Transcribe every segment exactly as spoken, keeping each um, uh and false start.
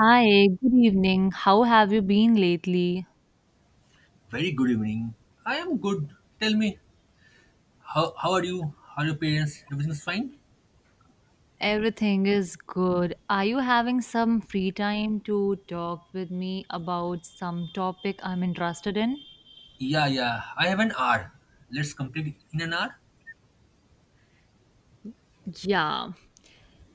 Hi, good evening. How have you been lately? Very good evening. I am good. Tell me, how, how are you? How are your parents? Everything's fine? Everything is good. Are you having some free time to talk with me about some topic I'm interested in? Yeah, yeah. I have an hour. Let's complete in an hour. Yeah.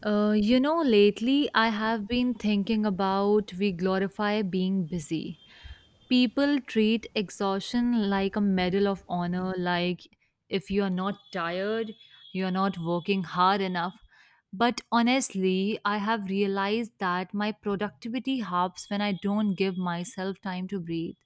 Uh, you know, lately I have been thinking about we glorify being busy. People treat exhaustion like a medal of honor, like if you are not tired, you are not working hard enough. But honestly, I have realized that my productivity halves when I don't give myself time to breathe.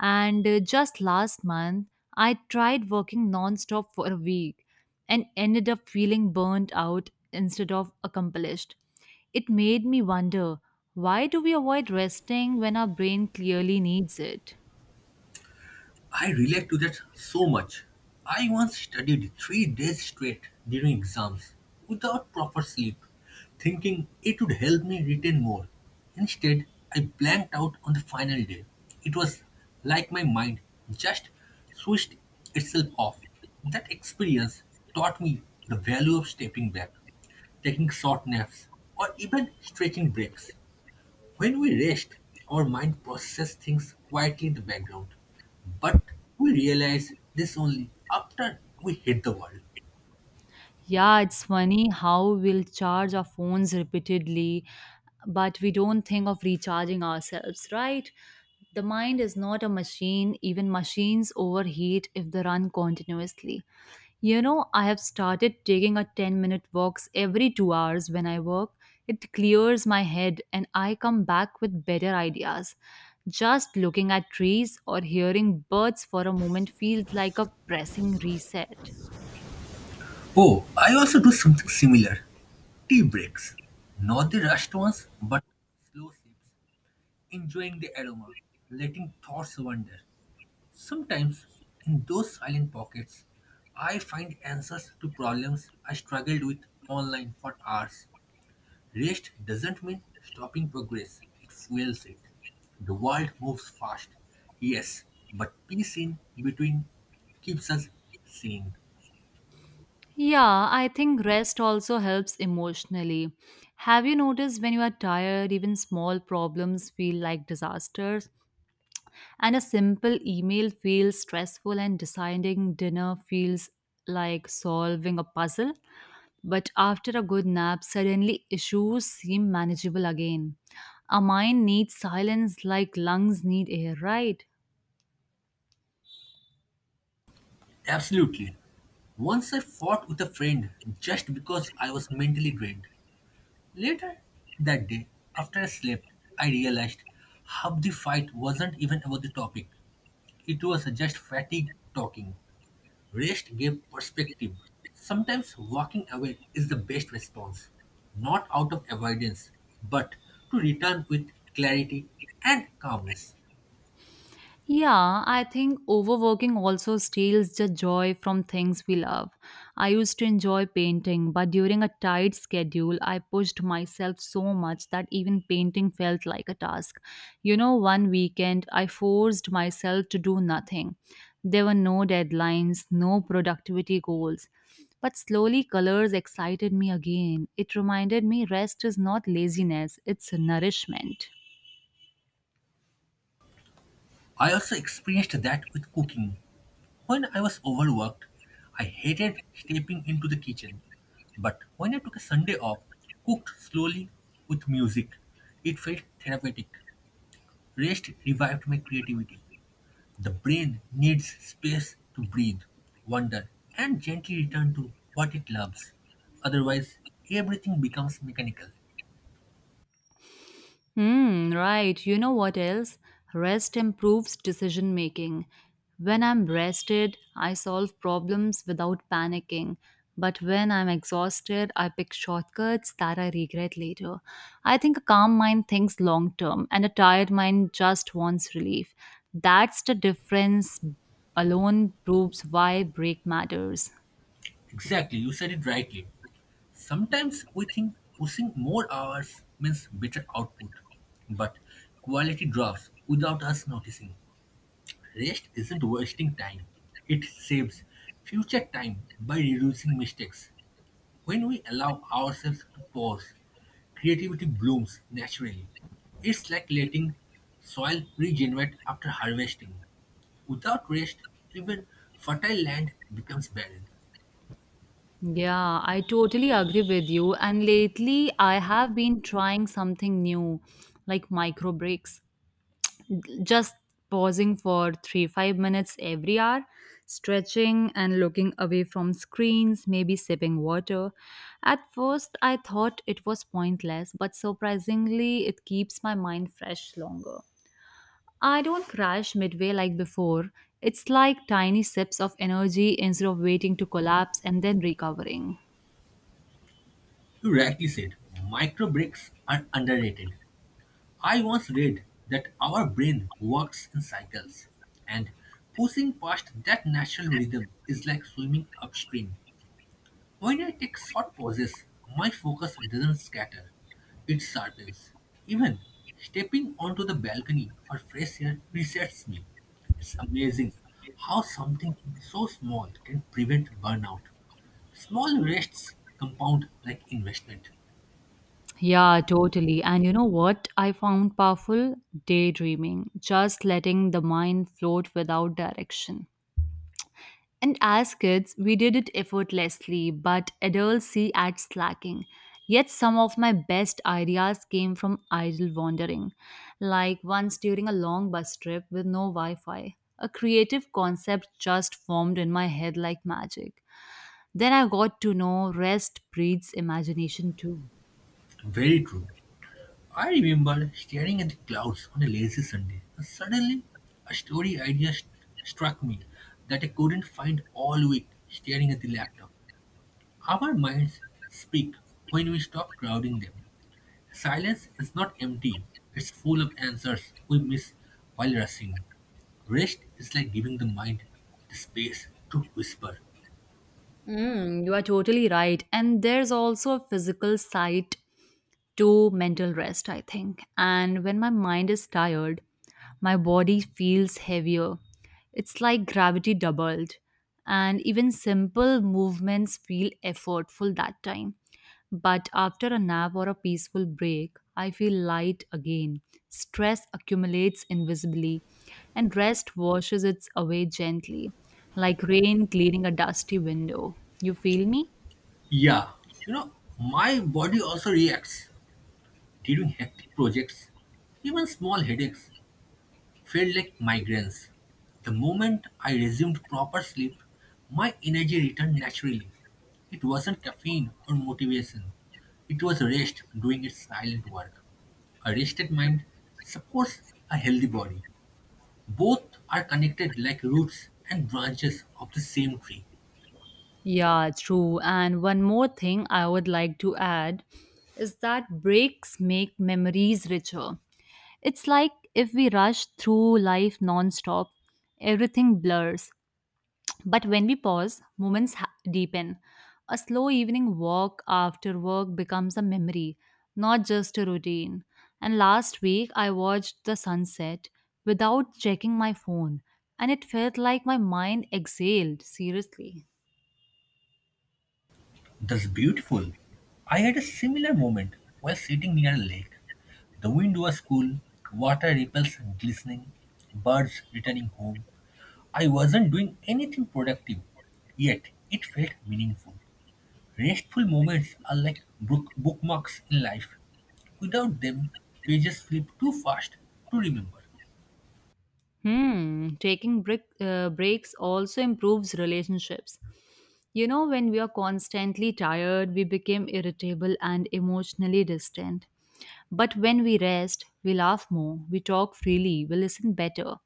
And uh, just last month, I tried working nonstop for a week and ended up feeling burnt out instead of accomplished. It made me wonder, why do we avoid resting when our brain clearly needs it? I relate to that so much. I once studied three days straight during exams without proper sleep, thinking it would help me retain more. Instead, I blanked out on the final day. It was like my mind just switched itself off. That experience taught me the value of stepping back, taking short naps, or even stretching breaks. When we rest, our mind processes things quietly in the background. But we realize this only after we hit the wall. Yeah, it's funny how we'll charge our phones repeatedly, but we don't think of recharging ourselves, right? The mind is not a machine. Even machines overheat if they run continuously. You know, I have started taking a ten minute walks every two hours when I work. It clears my head and I come back with better ideas. Just looking at trees or hearing birds for a moment feels like a pressing reset. Oh, I also do something similar tea breaks. Not the rushed ones, but slow sips, enjoying the aroma, letting thoughts wander. Sometimes, in those silent pockets, I find answers to problems I struggled with online for hours. Rest doesn't mean stopping progress, it fuels it. The world moves fast, yes, but peace in between keeps us sane. Yeah, I think rest also helps emotionally. Have you noticed when you are tired, even small problems feel like disasters? And a simple email feels stressful, and deciding dinner feels like solving a puzzle? But after a good nap, suddenly issues seem manageable again. A mind needs silence like lungs need air, right? Absolutely. Once I fought with a friend just because I was mentally drained. Later that day, after I slept, I realized half the fight wasn't even about the topic. It was just fatigue talking. Rest gave perspective. Sometimes walking away is the best response, not out of avoidance, but to return with clarity and calmness. Yeah, I think overworking also steals the joy from things we love. I used to enjoy painting, but during a tight schedule, I pushed myself so much that even painting felt like a task. You know, one weekend, I forced myself to do nothing. There were no deadlines, no productivity goals. But slowly, colors excited me again. It reminded me rest is not laziness, it's nourishment. I also experienced that with cooking. When I was overworked, I hated stepping into the kitchen. But when I took a Sunday off, cooked slowly with music, it felt therapeutic. Rest revived my creativity. The brain needs space to breathe, wonder, and gently return to what it loves. Otherwise, everything becomes mechanical. Hmm, right. You know what else? Rest improves decision making. When I'm rested, I solve problems without panicking. But when I'm exhausted, I pick shortcuts that I regret later. I think a calm mind thinks long term, and a tired mind just wants relief. That's the difference alone proves why break matters. Exactly, you said it rightly. Sometimes we think pushing more hours means better output, but quality drops without us noticing. Rest isn't wasting time, it saves future time by reducing mistakes. When we allow ourselves to pause, creativity blooms naturally. It's like letting soil regenerate after harvesting. Without rest, even fertile land becomes barren. Yeah, I totally agree with you. And lately, I have been trying something new, like micro breaks, just pausing for three, five minutes every hour, stretching and looking away from screens, maybe sipping water. At first, I thought it was pointless, but surprisingly, it keeps my mind fresh longer. I don't crash midway like before. It's like tiny sips of energy instead of waiting to collapse and then recovering. You rightly said, micro breaks are underrated. I once read that our brain works in cycles, and pushing past that natural rhythm is like swimming upstream. When I take short pauses, my focus doesn't scatter, it sharpens. Even stepping onto the balcony for fresh air resets me. It's amazing how something so small can prevent burnout. Small rests compound like investment. Yeah, totally. And you know what I found powerful? Daydreaming, just letting the mind float without direction. And as kids, we did it effortlessly, but adults see at slacking. Yet some of my best ideas came from idle wandering, like once during a long bus trip with no Wi Fi. A creative concept just formed in my head like magic. Then I got to know rest breeds imagination too. Very true. I remember staring at the clouds on a lazy Sunday, and suddenly a story idea st- struck me that I couldn't find all week staring at the laptop. Our minds speak when we stop crowding them. Silence is not empty, it's full of answers we miss while rushing. Rest is like giving the mind the space to whisper. Mm, you are totally right. And there's also a physical side to mental rest, I think. And when my mind is tired, my body feels heavier. It's like gravity doubled. And even simple movements feel effortful that time. But after a nap or a peaceful break, I feel light again. Stress accumulates invisibly, and rest washes it away gently, like rain clearing a dusty window. You feel me? Yeah, you know, my body also reacts during hectic projects, even small headaches felt like migraines. The moment I resumed proper sleep, my energy returned naturally. It wasn't caffeine or motivation, it was rest doing its silent work. A rested mind supports a healthy body. Both are connected like roots and branches of the same tree. Yeah, true. And one more thing I would like to add is that breaks make memories richer. It's like if we rush through life nonstop, everything blurs. But when we pause, moments ha- deepen. A slow evening walk after work becomes a memory, not just a routine. And last week, I watched the sunset without checking my phone, and it felt like my mind exhaled, seriously. That's beautiful. I had a similar moment while sitting near a lake. The wind was cool, water ripples glistening, birds returning home. I wasn't doing anything productive, yet it felt meaningful. Restful moments are like book- bookmarks in life. Without them, pages flip too fast to remember. Hmm, taking break, uh, breaks also improves relationships. You know, when we are constantly tired, we become irritable and emotionally distant. But when we rest, we laugh more, we talk freely, we listen better.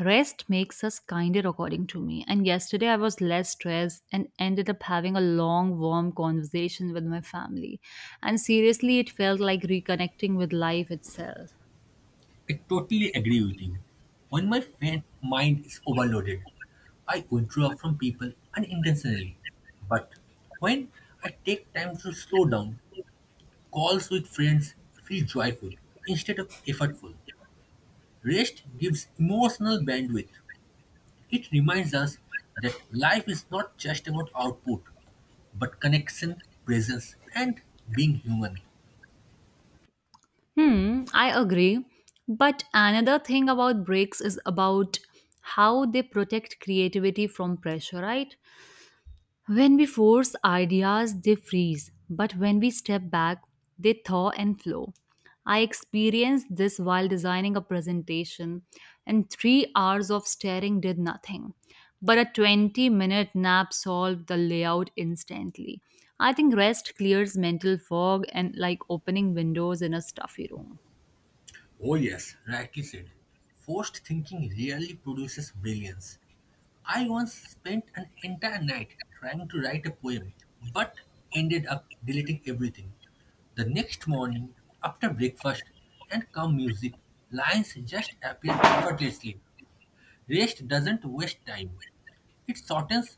Rest makes us kinder, according to me. And yesterday I was less stressed and ended up having a long, warm conversation with my family. And seriously, it felt like reconnecting with life itself. I totally agree with you. When my fa- mind is overloaded, I withdraw from people unintentionally. But when I take time to slow down, calls with friends feel joyful instead of effortful. Rest gives emotional bandwidth. It reminds us that life is not just about output, but connection, presence, and being human. Hmm, I agree. But another thing about breaks is about how they protect creativity from pressure, right? When we force ideas, they freeze. But when we step back, they thaw and flow. I experienced this while designing a presentation, and three hours of staring did nothing. But a twenty minute nap solved the layout instantly. I think rest clears mental fog and like opening windows in a stuffy room. Oh, yes, rightly said. Forced thinking rarely produces brilliance. I once spent an entire night trying to write a poem, but ended up deleting everything. The next morning, after breakfast and calm music, lines just appear effortlessly. Rest doesn't waste time, it shortens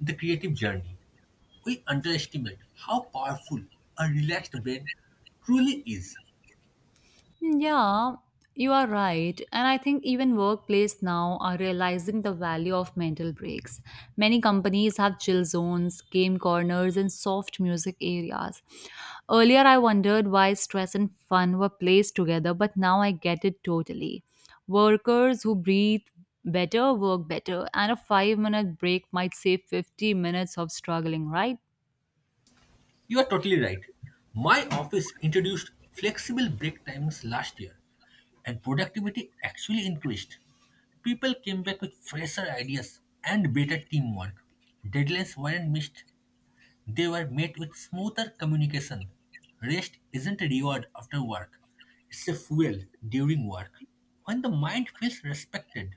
the creative journey. We underestimate how powerful a relaxed brain truly is. Mm, Yeah, you are right. And I think even workplace now are realizing the value of mental breaks. Many companies have chill zones, game corners, and soft music areas. Earlier, I wondered why stress and fun were placed together, but now I get it totally. Workers who breathe better work better, and a five minute break might save fifty minutes of struggling, right? You are totally right. My office introduced flexible break timings last year, and productivity actually increased. People came back with fresher ideas and better teamwork. Deadlines weren't missed, they were met with smoother communication. Rest isn't a reward after work, it's a fuel during work. When the mind feels respected,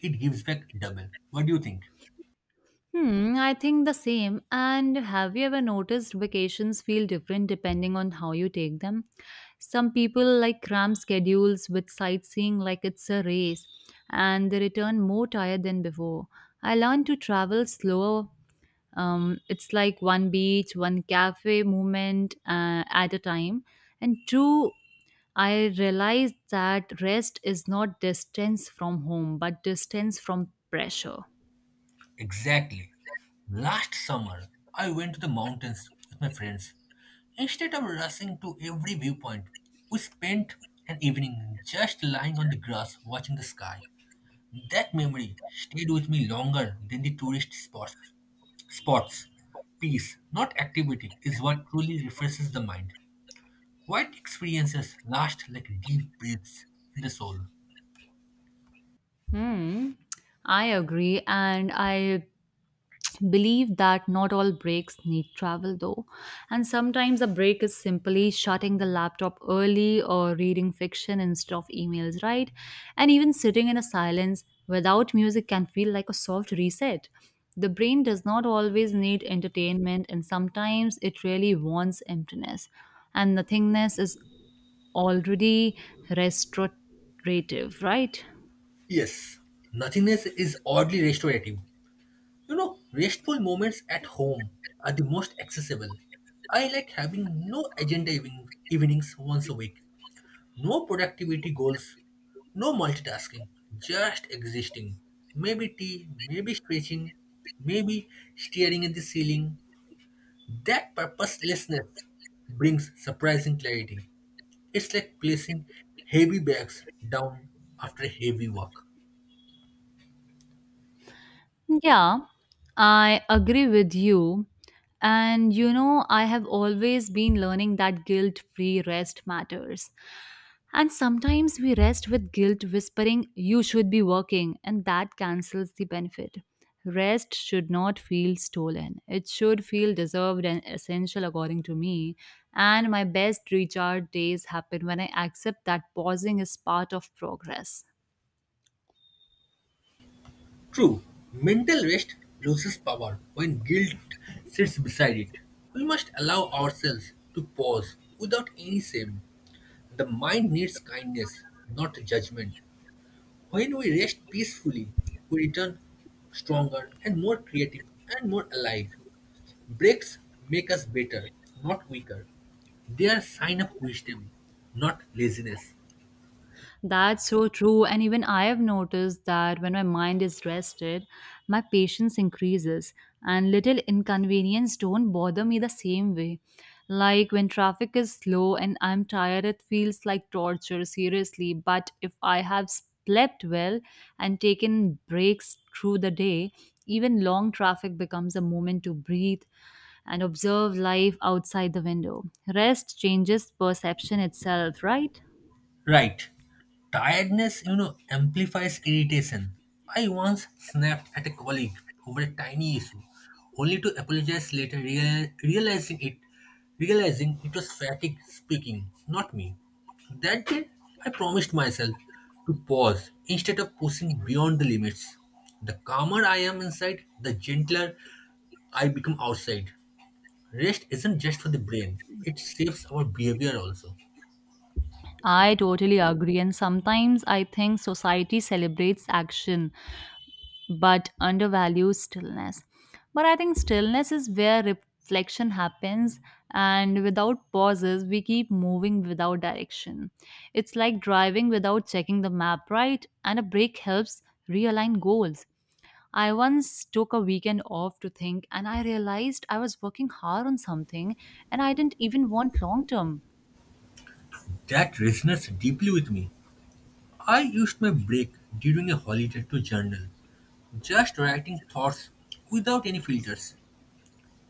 it gives back double. What do you think? Hmm, I think the same. And have you ever noticed vacations feel different depending on how you take them? Some people like cram schedules with sightseeing like it's a race, and they return more tired than before. I learned to travel slower. Um, it's like one beach, one cafe movement uh, at a time. And two, I realized that rest is not distance from home, but distance from pressure. Exactly. Last summer, I went to the mountains with my friends. Instead of rushing to every viewpoint, we spent an evening just lying on the grass watching the sky. That memory stayed with me longer than the tourist spots. Spots. Peace, not activity, is what truly refreshes the mind. Quiet experiences last like deep breaths in the soul. Hmm, I agree, and I believe that not all breaks need travel though. And sometimes a break is simply shutting the laptop early or reading fiction instead of emails, right? And even sitting in a silence without music can feel like a soft reset. The brain does not always need entertainment, and sometimes it really wants emptiness. And nothingness is already restorative, right? Yes, nothingness is oddly restorative. You know, restful moments at home are the most accessible. I like having no agenda even, evenings once a week, no productivity goals, no multitasking, just existing. Maybe tea, maybe stretching, maybe staring at the ceiling. That purposelessness brings surprising clarity. It's like placing heavy bags down after a heavy work. Yeah, I agree with you. And you know, I have always been learning that guilt free rest matters. And sometimes we rest with guilt whispering, you should be working, and that cancels the benefit. Rest should not feel stolen, it should feel deserved and essential, according to me. And my best recharge days happen when I accept that pausing is part of progress. True, mental rest loses power when guilt sits beside it. We must allow ourselves to pause without any shame. The mind needs kindness, not judgment. When we rest peacefully, we return stronger and more creative and more alive. Breaks make us better, not weaker. They are sign of wisdom, not laziness. That's so true. And even I have noticed that when my mind is rested, my patience increases and little inconvenience don't bother me the same way. Like when traffic is slow and I'm tired, it feels like torture, seriously. But if I have slept well and taken breaks through the day, even long traffic becomes a moment to breathe and observe life outside the window. Rest changes perception itself, right? Right. Tiredness, you know, amplifies irritation. I once snapped at a colleague over a tiny issue, only to apologize later, real realizing it, realizing it was fatigue speaking, not me. That day, I promised myself to pause instead of pushing beyond the limits. The calmer I am inside, the gentler I become outside. Rest isn't just for the brain; it shapes our behavior also. I totally agree, and sometimes I think society celebrates action but undervalues stillness. But I think stillness is where reflection happens, and without pauses, we keep moving without direction. It's like driving without checking the map, right? And a break helps realign goals. I once took a weekend off to think, and I realized I was working hard on something and I didn't even want long term. That resonates deeply with me. I used my break during a holiday to journal, just writing thoughts without any filters.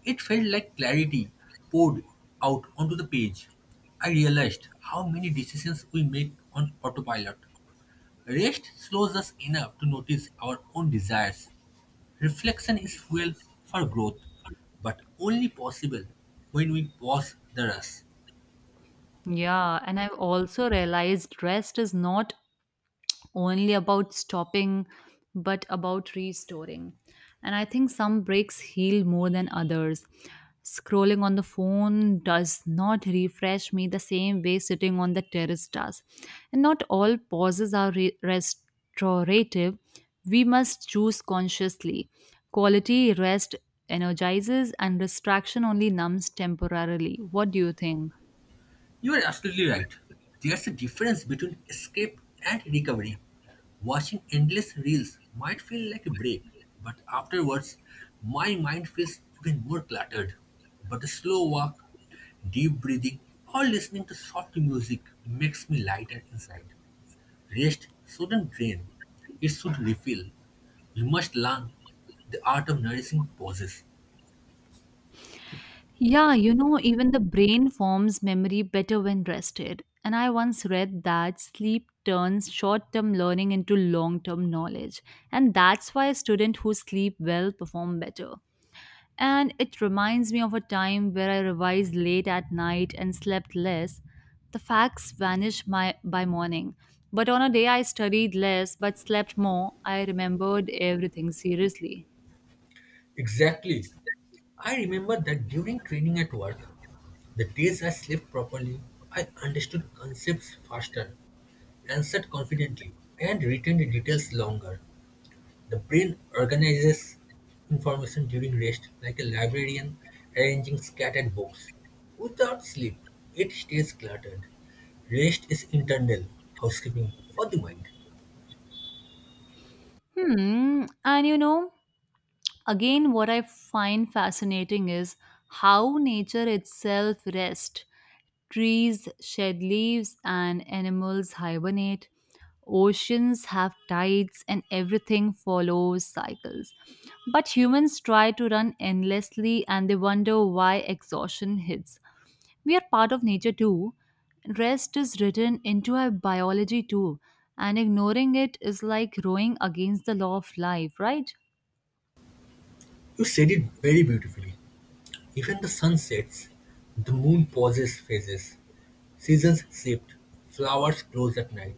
It felt like clarity poured out onto the page. I realized how many decisions we make on autopilot. Rest slows us enough to notice our own desires. Reflection is fuel for growth, but only possible when we pause the rush. Yeah, and I've also realized rest is not only about stopping, but about restoring. And I think some breaks heal more than others. Scrolling on the phone does not refresh me the same way sitting on the terrace does. And not all pauses are re- restorative. We must choose consciously. Quality rest energizes, and distraction only numbs temporarily. What do you think? You are absolutely right. There's a difference between escape and recovery. Watching endless reels might feel like a break, but afterwards, my mind feels even more cluttered. But a slow walk, deep breathing, or listening to soft music makes me lighter inside. Rest shouldn't drain, it should refill. We must learn the art of nourishing pauses. Yeah, you know, even the brain forms memory better when rested. And I once read that sleep turns short term learning into long term knowledge. And that's why students who sleep well perform better. And it reminds me of a time where I revised late at night and slept less. The facts vanished my, by morning. But on a day I studied less but slept more, I remembered everything seriously. Exactly. I remember that during training at work, the days I slept properly, I understood concepts faster, answered confidently, and retained the details longer. The brain organizes information during rest like a librarian arranging scattered books. Without sleep, it stays cluttered. Rest is internal housekeeping for the mind. Hmm, and you know, again, what I find fascinating is how nature itself rests. Trees shed leaves and animals hibernate. Oceans have tides and everything follows cycles. But humans try to run endlessly and they wonder why exhaustion hits. We are part of nature too. Rest is written into our biology too, and ignoring it is like rowing against the law of life, right? You said it very beautifully. Even the sun sets, the moon pauses phases, seasons shift, flowers close at night.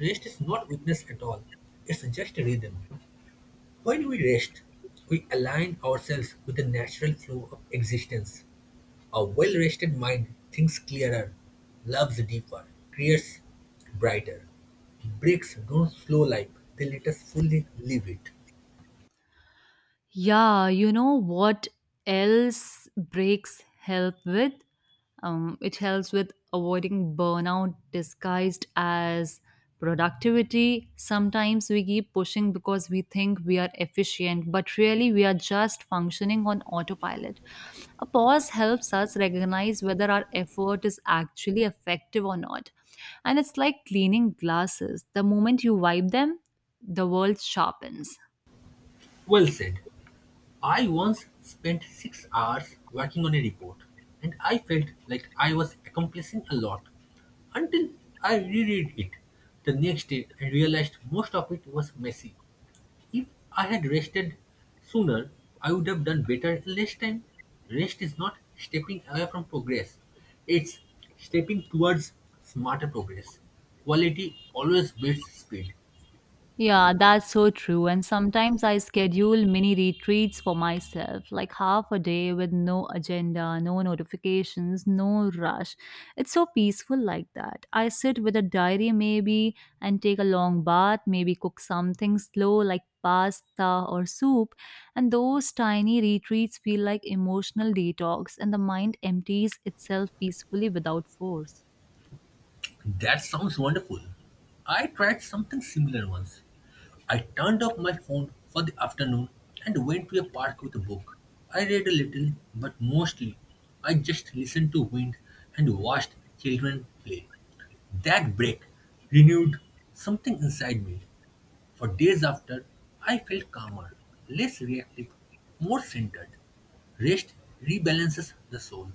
Rest is not weakness at all, it's just a rhythm. When we rest, we align ourselves with the natural flow of existence. A well rested mind thinks clearer, loves deeper, creates brighter. Breaks don't slow life, they let us fully live it. Yeah, you know what else breaks help with? Um, it helps with avoiding burnout disguised as productivity. Sometimes we keep pushing because we think we are efficient, but really we are just functioning on autopilot. A pause helps us recognize whether our effort is actually effective or not. And it's like cleaning glasses. The moment you wipe them, the world sharpens. Well said. I once spent six hours working on a report, and I felt like I was accomplishing a lot until I reread it the next day and realized most of it was messy. If I had rested sooner, I would have done better in less time. Rest is not stepping away from progress, it's stepping towards smarter progress. Quality always beats speed. Yeah, that's so true. And sometimes I schedule mini retreats for myself, like half a day with no agenda, no notifications, no rush. It's so peaceful like that. I sit with a diary maybe and take a long bath, maybe cook something slow like pasta or soup. And those tiny retreats feel like emotional detox, and the mind empties itself peacefully without force. That sounds wonderful. I tried something similar once. I turned off my phone for the afternoon and went to a park with a book. I read a little, but mostly I just listened to wind and watched children play. That break renewed something inside me. For days after, I felt calmer, less reactive, more centered. Rest rebalances the soul.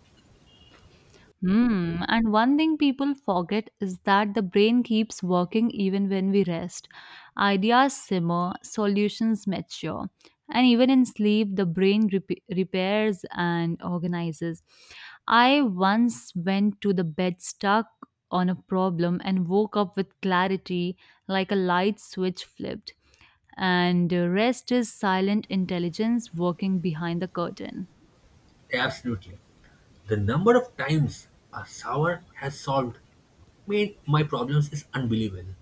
Hmm. And one thing people forget is that the brain keeps working even when we rest. Ideas simmer, solutions mature. And even in sleep, the brain rep- repairs and organizes. I once went to the bed stuck on a problem and woke up with clarity like a light switch flipped. And uh, Rest is silent intelligence working behind the curtain. Absolutely. The number of times a shower has solved made my problems is unbelievable.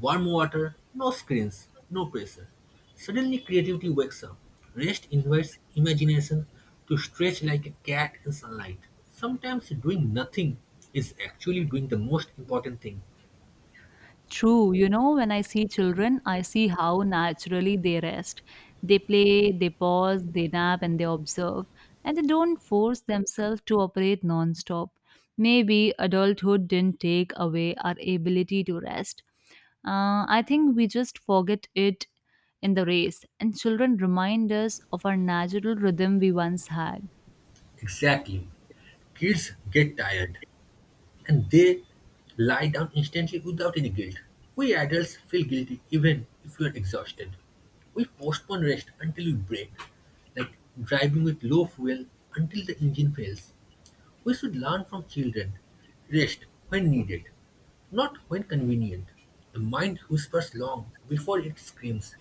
Warm water, no screens, no pressure. Suddenly creativity wakes up. Rest invites imagination to stretch like a cat in sunlight. Sometimes doing nothing is actually doing the most important thing. True, you know, when I see children, I see how naturally they rest. They play, they pause, they nap, and they observe, and they don't force themselves to operate non-stop. Maybe adulthood didn't take away our ability to rest. Uh, I think we just forget it in the race, and children remind us of our natural rhythm we once had. Exactly. Kids get tired and they lie down instantly without any guilt. We adults feel guilty even if we are exhausted. We postpone rest until we break, like driving with low fuel until the engine fails. We should learn from children. Rest when needed, not when convenient. The mind whispers long before it screams.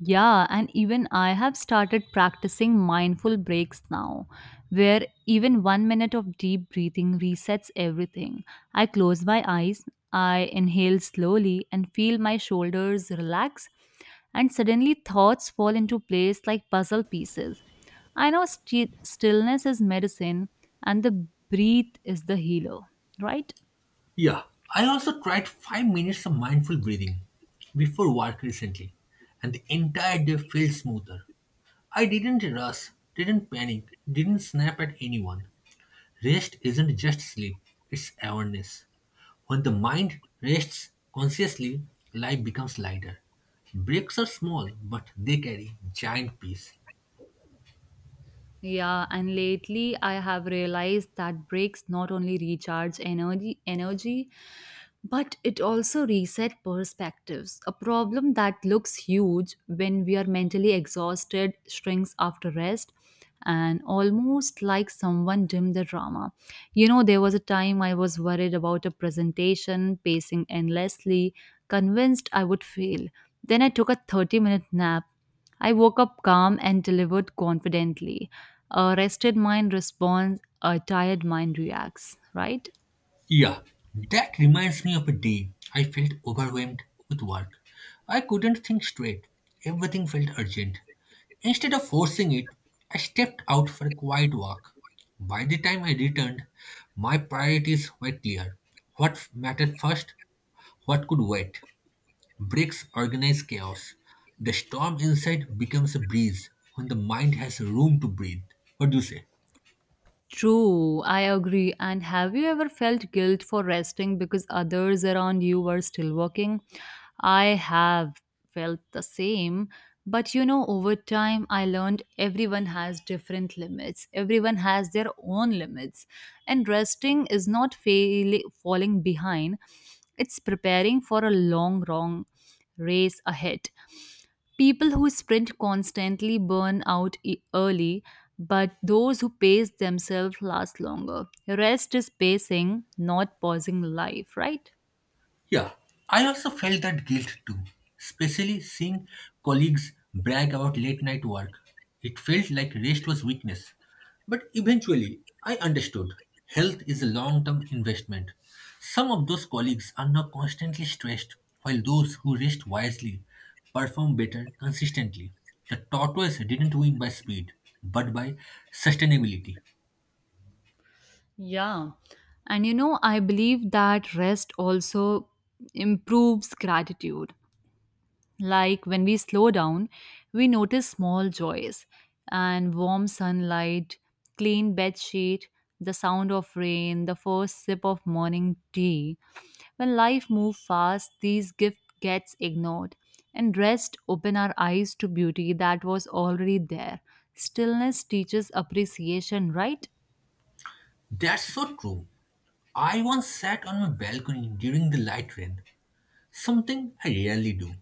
Yeah, and even I have started practicing mindful breaks now, where even one minute of deep breathing resets everything. I close my eyes, I inhale slowly, and feel my shoulders relax, and suddenly thoughts fall into place like puzzle pieces. I know sti- stillness is medicine, and the breath is the healer, right? Yeah, I also tried five minutes of mindful breathing before work recently, and the entire day felt smoother. I didn't rush, didn't panic, didn't snap at anyone. Rest isn't just sleep, it's awareness. When the mind rests consciously, life becomes lighter. Breaks are small, but they carry giant peace. Yeah, and lately I have realized that breaks not only recharge energy energy but it also reset perspectives. A problem that looks huge when we are mentally exhausted shrinks after rest and almost like someone dimmed the drama. You know, there was a time I was worried about a presentation, pacing endlessly, convinced I would fail. Then I took a 30 minute nap. I woke up calm and delivered confidently. A rested mind responds, a tired mind reacts, right? Yeah, that reminds me of a day I felt overwhelmed with work. I couldn't think straight. Everything felt urgent. Instead of forcing it, I stepped out for a quiet walk. By the time I returned, my priorities were clear. What mattered first? What could wait? Breaks organize chaos. The storm inside becomes a breeze when the mind has room to breathe. What do you say? True, I agree. And have you ever felt guilt for resting because others around you were still working? I have felt the same. But you know, over time, I learned everyone has different limits. Everyone has their own limits. And resting is not fail- falling behind, it's preparing for a long, long race ahead. People who sprint constantly burn out e- early, but those who pace themselves last longer. Rest is pacing, not pausing life, right? Yeah, I also felt that guilt too, especially seeing colleagues brag about late night work. It felt like rest was weakness. But eventually, I understood health is a long term investment. Some of those colleagues are now constantly stressed, while those who rest wisely perform better consistently. The tortoise didn't win by speed, but by sustainability. Yeah. And you know, I believe that rest also improves gratitude. Like when we slow down, we notice small joys and warm sunlight, clean bed sheet, the sound of rain, the first sip of morning tea. When life moves fast, these gifts gets ignored and rest open our eyes to beauty that was already there. Stillness teaches appreciation, right? That's so true. I once sat on my balcony during the light rain. Something I rarely do.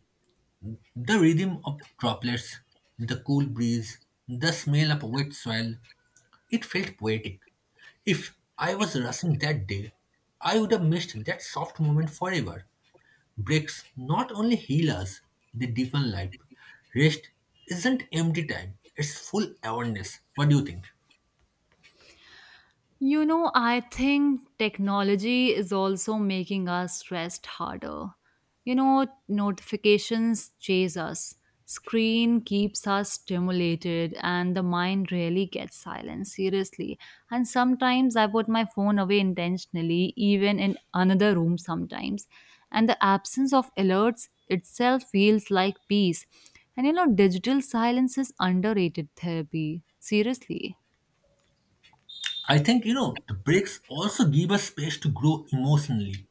The rhythm of droplets, the cool breeze, the smell of wet soil, it felt poetic. If I was rushing that day, I would have missed that soft moment forever. Breaks not only heal us, they deepen life. Rest isn't empty time, it's full awareness. What do you think? You know, I think technology is also making us stressed harder. You know, notifications chase us, screen keeps us stimulated, and the mind rarely gets silent, seriously. And sometimes I put my phone away intentionally, even in another room sometimes. And the absence of alerts itself feels like peace. And you know, digital silence is underrated therapy, seriously. I think, you know, the breaks also give us space to grow emotionally.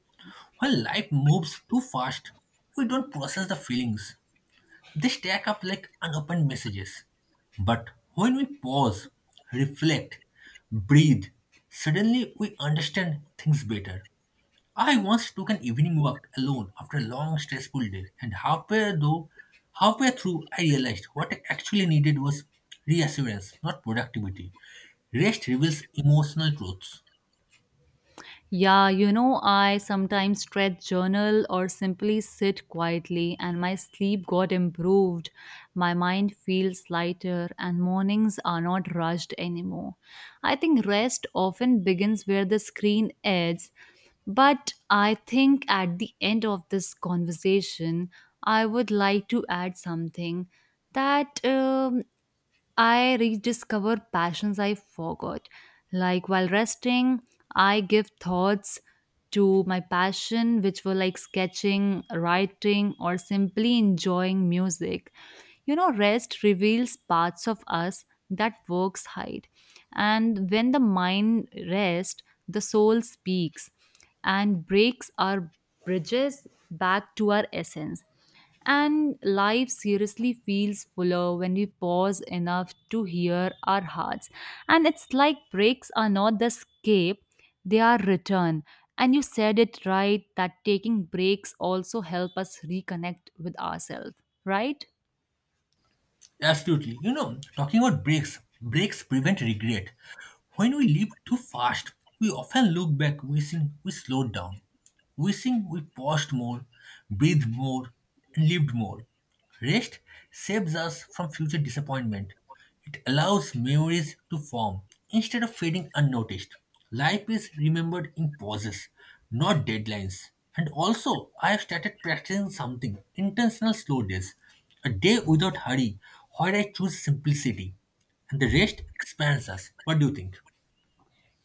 When life moves too fast, we don't process the feelings. They stack up like unopened messages. But when we pause, reflect, breathe, suddenly we understand things better. I once took an evening walk alone after a long, stressful day, and halfway though, halfway through, I realized what I actually needed was reassurance, not productivity. Rest reveals emotional truths. Yeah, you know, I sometimes stretch journal or simply sit quietly, and my sleep got improved. My mind feels lighter, and mornings are not rushed anymore. I think rest often begins where the screen ends, but I think at the end of this conversation, I would like to add something that um, I rediscover passions I forgot. Like while resting, I give thoughts to my passion, which were like sketching, writing, or simply enjoying music. You know, rest reveals parts of us that works hide. And when the mind rests, the soul speaks and breaks our bridges back to our essence. And life seriously feels fuller when we pause enough to hear our hearts. And it's like breaks are not the escape, they are return. And you said it right that taking breaks also help us reconnect with ourselves, right? Absolutely. You know, talking about breaks, breaks prevent regret. When we live too fast, we often look back wishing we slowed down, wishing we paused more, breathed more, and lived more. Rest saves us from future disappointment. It allows memories to form instead of fading unnoticed. Life is remembered in pauses, not deadlines. And also, I have started practicing something intentional slow days, a day without hurry, where I choose simplicity. And the rest expands us. What do you think?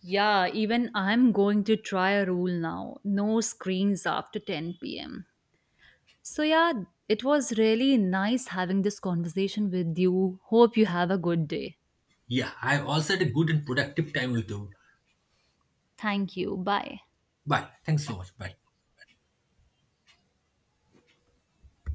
Yeah, even I'm going to try a rule now. No screens after ten p m. So, yeah, it was really nice having this conversation with you. Hope you have a good day. Yeah, I've also had a good and productive time with you. Thank you. Bye. Bye. Thanks so much. Bye.